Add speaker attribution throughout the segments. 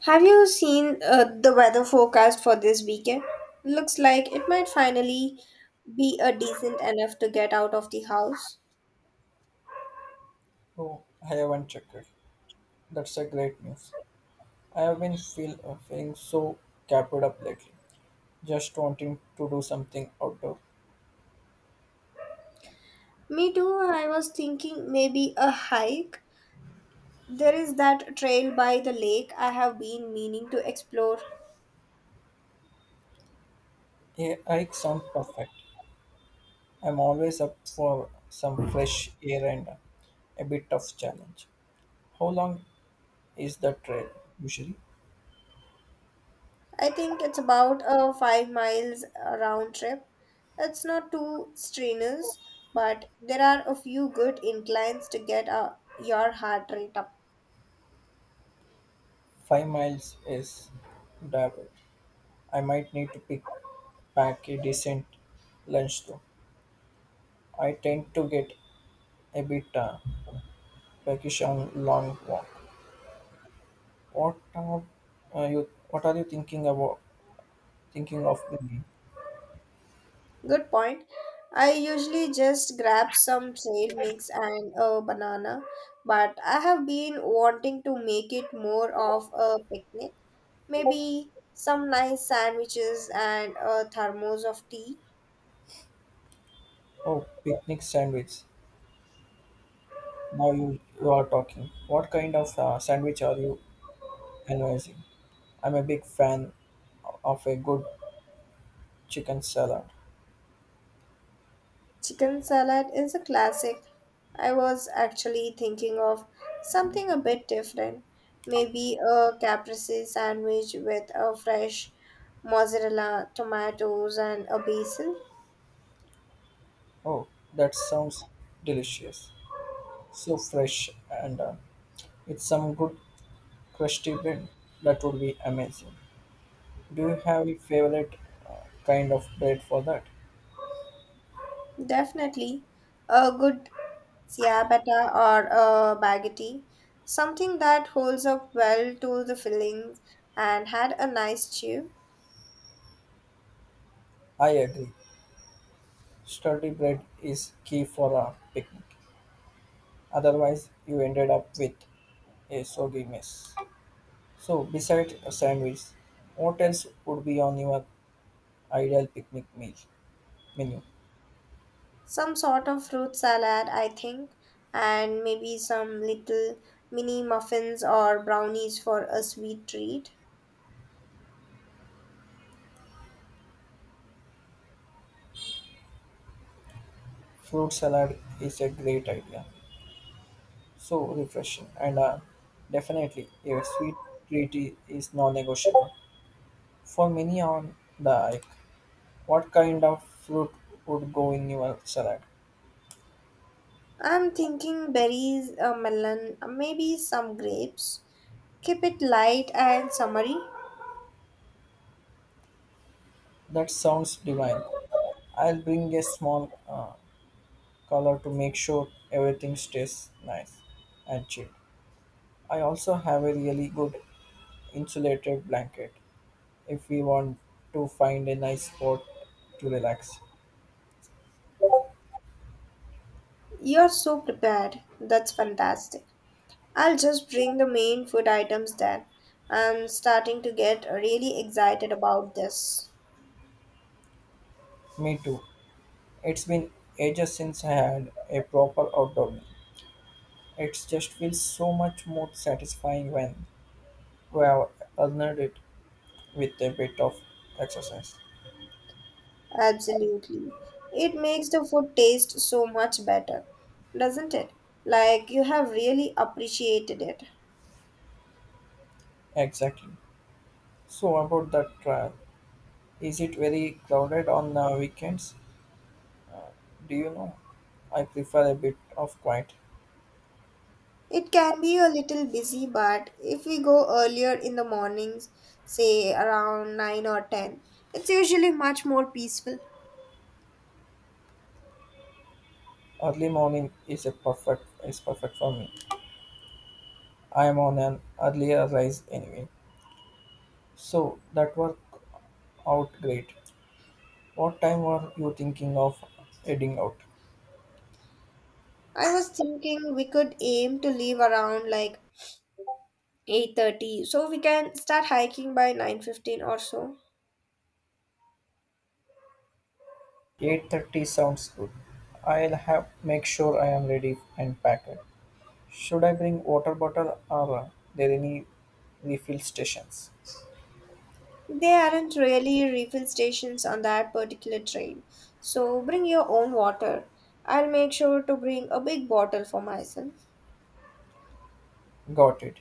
Speaker 1: Have you seen the weather forecast for this weekend? Looks like it might finally be a decent enough to get out of the house.
Speaker 2: Oh, I haven't checked it. That's a great news. I have been feeling so capped up lately, just wanting to do something outdoor.
Speaker 1: Me too, I was thinking maybe a hike. There is that trail by the lake I have been meaning to explore.
Speaker 2: A hike sounds perfect. I'm always up for some fresh air and a bit of challenge. How long is the trail usually?
Speaker 1: I think it's about a 5 miles round trip. It's not too strenuous, but there are a few good inclines to get your heart rate up.
Speaker 2: 5 miles is doable. I might need to pick pack a decent lunch though. I tend to get a bit peckish on long walk. What are What are you thinking about? Thinking of bringing?
Speaker 1: Good point. I usually just grab some trail mix and a banana, but I have been wanting to make it more of a picnic. Maybe some nice sandwiches and a thermos of tea.
Speaker 2: Oh, picnic sandwich. Now you are talking. What kind of sandwich are you analyzing? I'm a big fan of a good chicken salad.
Speaker 1: Chicken salad is a classic. I was actually thinking of something a bit different. Maybe a caprese sandwich with a fresh mozzarella, tomatoes, and a basil.
Speaker 2: Oh, that sounds delicious. So fresh and with some good crusty bread. That would be amazing. Do you have a favorite kind of bread for that?
Speaker 1: Definitely a good ciabatta or a baguette, something that holds up well to the fillings and had a nice chew.
Speaker 2: I agree. Sturdy bread is key for a picnic. Otherwise, you ended up with a soggy mess. So, besides a sandwich, what else would be on your ideal picnic meal menu?
Speaker 1: Some sort of fruit salad, I think, and maybe some little mini muffins or brownies for a sweet treat.
Speaker 2: Fruit salad is a great idea, so refreshing, and definitely a sweet treat is non-negotiable. For many on the hike, what kind of fruit would go in your salad?
Speaker 1: I'm thinking berries, a melon, maybe some grapes. Keep it light and summery.
Speaker 2: That sounds divine. I'll bring a small color to make sure everything stays nice and cheap. I also have a really good insulated blanket if we want to find a nice spot to relax.
Speaker 1: You're so prepared. That's fantastic. I'll just bring the main food items then. I'm starting to get really excited about this.
Speaker 2: Me too. It's been ages since I had a proper outdoor meal. It just feels so much more satisfying when we have earned it with a bit of exercise.
Speaker 1: Absolutely. It makes the food taste so much better, doesn't it? Like you have really appreciated it.
Speaker 2: Exactly. So about the trial, is it very crowded on the weekends? Do you know? I prefer a bit of quiet.
Speaker 1: It can be a little busy, but if we go earlier in the mornings, say around 9 or 10, it's usually much more peaceful.
Speaker 2: Early morning is a perfect is perfect for me. I'm on an earlier rise anyway, so that worked out great. What time were you thinking of heading out?
Speaker 1: I was thinking we could aim to leave around like 8:30, so we can start hiking by 9:15 or so.
Speaker 2: 8:30 sounds good. I'll have make sure I am ready and packed. Should I bring water bottle or are there any refill stations?
Speaker 1: There aren't really refill stations on that particular train, so bring your own water. I'll make sure to bring a big bottle for myself.
Speaker 2: Got it.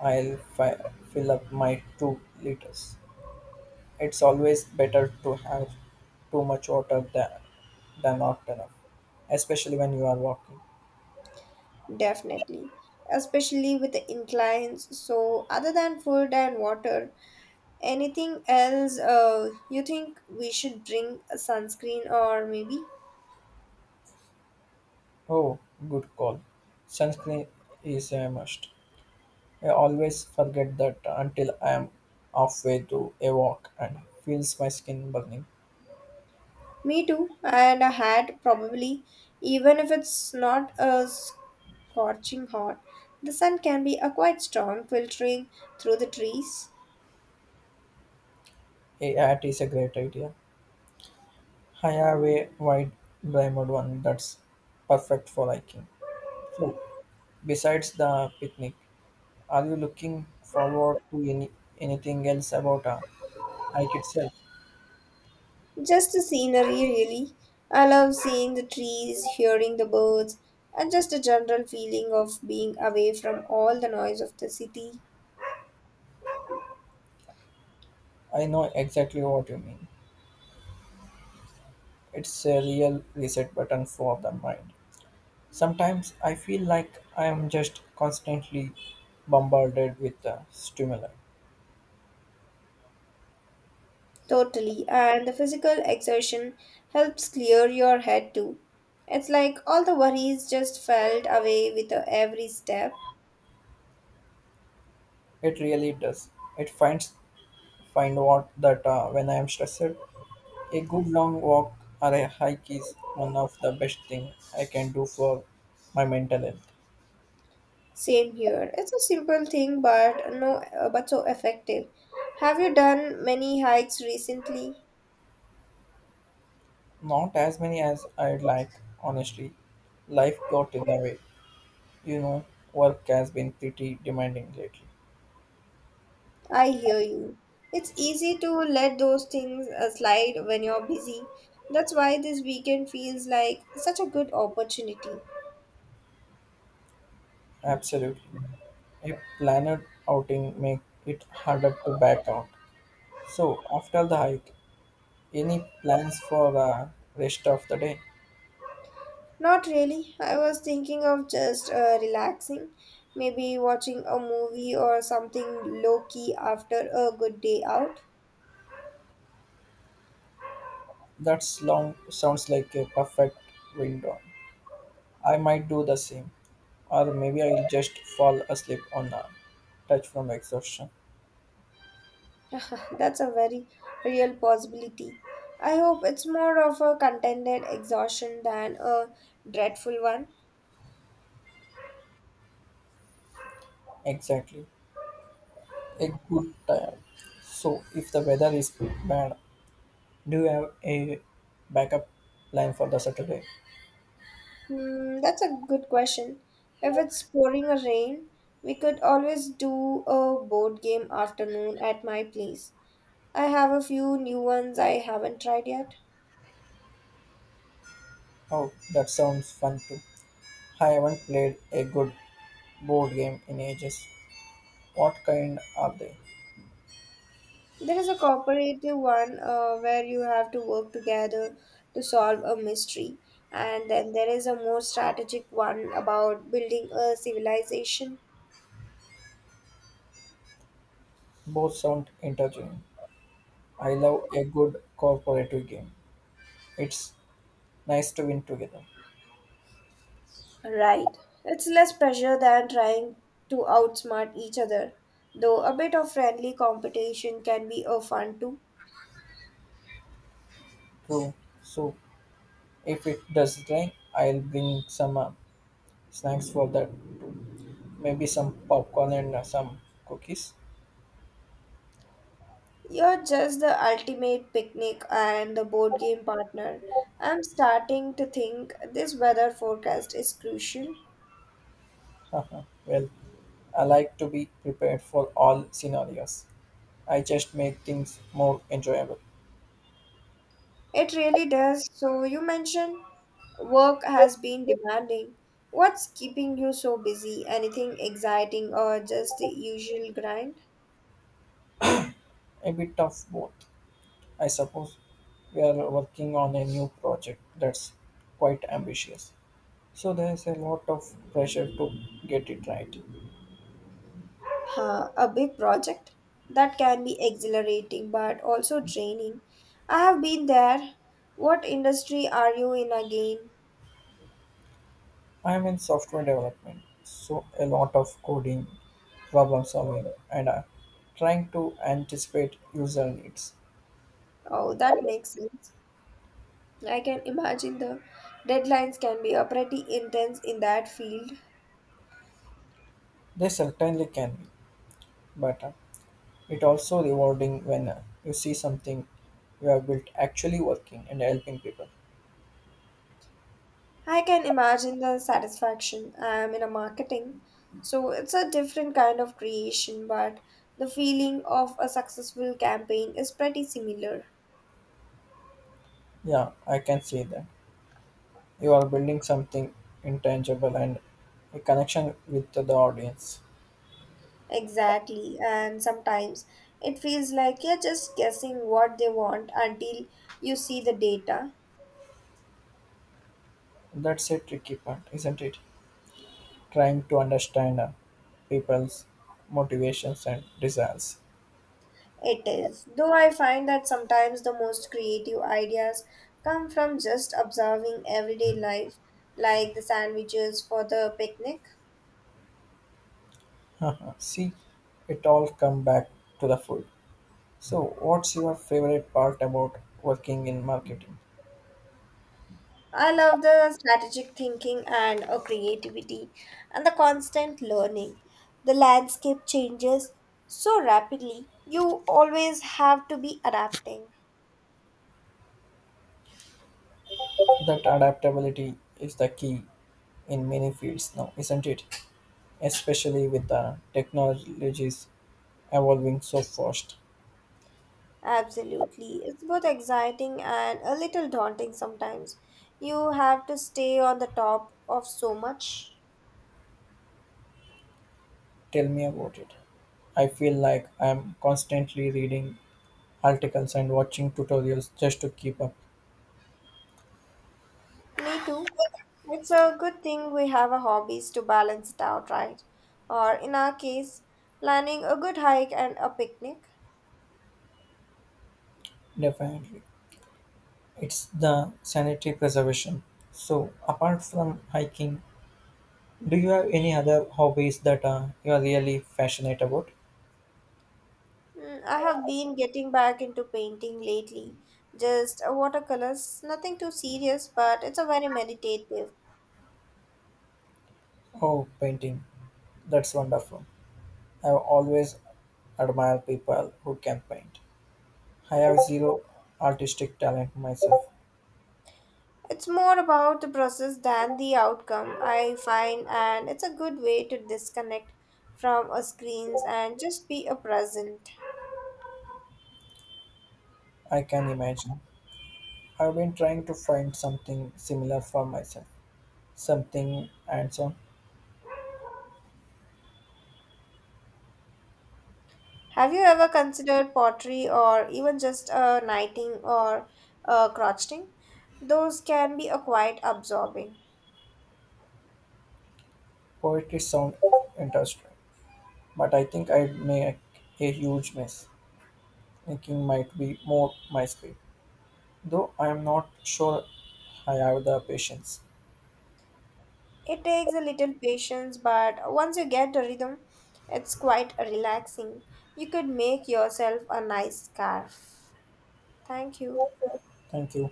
Speaker 2: I'll fi- fill up my 2 liters. It's always better to have too much water than not enough, especially when you are walking.
Speaker 1: Definitely, especially with the inclines. So other than food and water, anything else you think we should bring? A sunscreen, or maybe?
Speaker 2: Oh, good call. Sunscreen is a must. I always forget that until I am halfway through a walk and feels my skin burning.
Speaker 1: Me too, and a hat probably, even if it's not a scorching hot. The sun can be a quite strong filtering through the trees.
Speaker 2: A hat is a great idea. I have a wide brimmed one that's perfect for hiking. So, besides the picnic, are you looking forward to anything else about a hike itself?
Speaker 1: Just the scenery, really. I love seeing the trees, hearing the birds, and just a general feeling of being away from all the noise of the city.
Speaker 2: I know exactly what you mean. It's a real reset button for the mind. Sometimes I feel like I am just constantly bombarded with stimuli.
Speaker 1: Totally, and the physical exertion helps clear your head too. It's like all the worries just felt away with every step.
Speaker 2: It really does. It finds Find what that when I am stressed, a good long walk or a hike is one of the best thing I can do for my mental health.
Speaker 1: Same here. It's a simple thing, but no, but so effective. Have you done many hikes recently?
Speaker 2: Not as many as I'd like, honestly. Life got in the way. You know, work has been pretty demanding lately.
Speaker 1: I hear you. It's easy to let those things slide when you're busy. That's why this weekend feels like such a good opportunity.
Speaker 2: Absolutely. A planned outing make it harder to back out. So after the hike, any plans for the rest of the day?
Speaker 1: Not really. I was thinking of just relaxing, maybe watching a movie or something low key after a good day out.
Speaker 2: That's long sounds like a perfect window. I might do the same, or maybe I'll just fall asleep on a touch from exhaustion.
Speaker 1: That's a very real possibility. I hope it's more of a contended exhaustion than a dreadful one.
Speaker 2: Exactly, a good time. So if the weather is bad, do you have a backup plan for the Saturday?
Speaker 1: Hmm, that's a good question. If it's pouring a rain, we could always do a board game afternoon at my place. I have a few new ones I haven't tried yet.
Speaker 2: Oh, that sounds fun too. I haven't played a good board game in ages. What kind are they?
Speaker 1: There is a cooperative one where you have to work together to solve a mystery, and then there is a more strategic one about building a civilization.
Speaker 2: Both sound intriguing. I love a good cooperative game. It's nice to win together.
Speaker 1: Right. It's less pressure than trying to outsmart each other, though a bit of friendly competition can be a fun too.
Speaker 2: True. So if it does rain, I'll bring some snacks for that. Maybe some popcorn and some cookies.
Speaker 1: You're just the ultimate picnic and the board game partner. I'm starting to think this weather forecast is crucial.
Speaker 2: Well, I like to be prepared for all scenarios. I just make things more enjoyable.
Speaker 1: It really does. So, you mentioned work has been demanding. What's keeping you so busy? Anything exciting or just the usual grind?
Speaker 2: A bit of both, I suppose. We are working on a new project that's quite ambitious. So there's a lot of pressure to get it right.
Speaker 1: A big project that can be exhilarating but also draining. I have been there. What industry are you in again?
Speaker 2: I'm in software development, so a lot of coding, problem solving, and trying to anticipate user needs.
Speaker 1: Oh, that makes sense. I can imagine the deadlines can be a pretty intense in that field.
Speaker 2: They certainly can be, but it also rewarding when you see something you have built actually working and helping people.
Speaker 1: I can imagine the satisfaction. I am in a marketing, so it's a different kind of creation, but the feeling of a successful campaign is pretty similar.
Speaker 2: Yeah, I can see that. You are building something intangible and a connection with the audience.
Speaker 1: Exactly, and sometimes it feels like you're just guessing what they want until you see the data.
Speaker 2: That's a tricky part, isn't it? Trying to understand people's motivations and desires.
Speaker 1: It is. Though I find that sometimes the most creative ideas come from just observing everyday life, like the sandwiches for the picnic.
Speaker 2: See, it all come back to the food. So, what's your favorite part about working in marketing?
Speaker 1: I love the strategic thinking and creativity and the constant learning. The landscape changes so rapidly, you always have to be adapting.
Speaker 2: That adaptability is the key in many fields now, isn't it? Especially with the technologies evolving so fast.
Speaker 1: Absolutely. It's both exciting and a little daunting sometimes. You have to stay on the top of so much.
Speaker 2: Tell me about it. I feel like I'm constantly reading articles and watching tutorials just to keep up.
Speaker 1: Me too. It's a good thing we have a hobbies to balance it out, right? Or in our case, planning a good hike and a picnic.
Speaker 2: Definitely. It's the sanitary preservation. So, apart from hiking, do you have any other hobbies that you are really passionate about?
Speaker 1: Mm, I have been getting back into painting lately. Just watercolors, nothing too serious, but it's a very meditative.
Speaker 2: Oh, painting. That's wonderful. I've always admired people who can paint. I have zero artistic talent myself.
Speaker 1: It's more about the process than the outcome, I find, and it's a good way to disconnect from our screens and just be a present.
Speaker 2: I can imagine. I've been trying to find something similar for myself. Something handsome.
Speaker 1: Have you ever considered pottery or even just a knighting or a crocheting? Those can be a quite absorbing.
Speaker 2: Poetry sound interesting, but I think I'd make a huge mess. Thinking might be more my speed, though I am not sure I have the patience.
Speaker 1: It takes a little patience, but once you get the rhythm, it's quite relaxing. You could make yourself a nice scarf. Thank you.
Speaker 2: Thank you.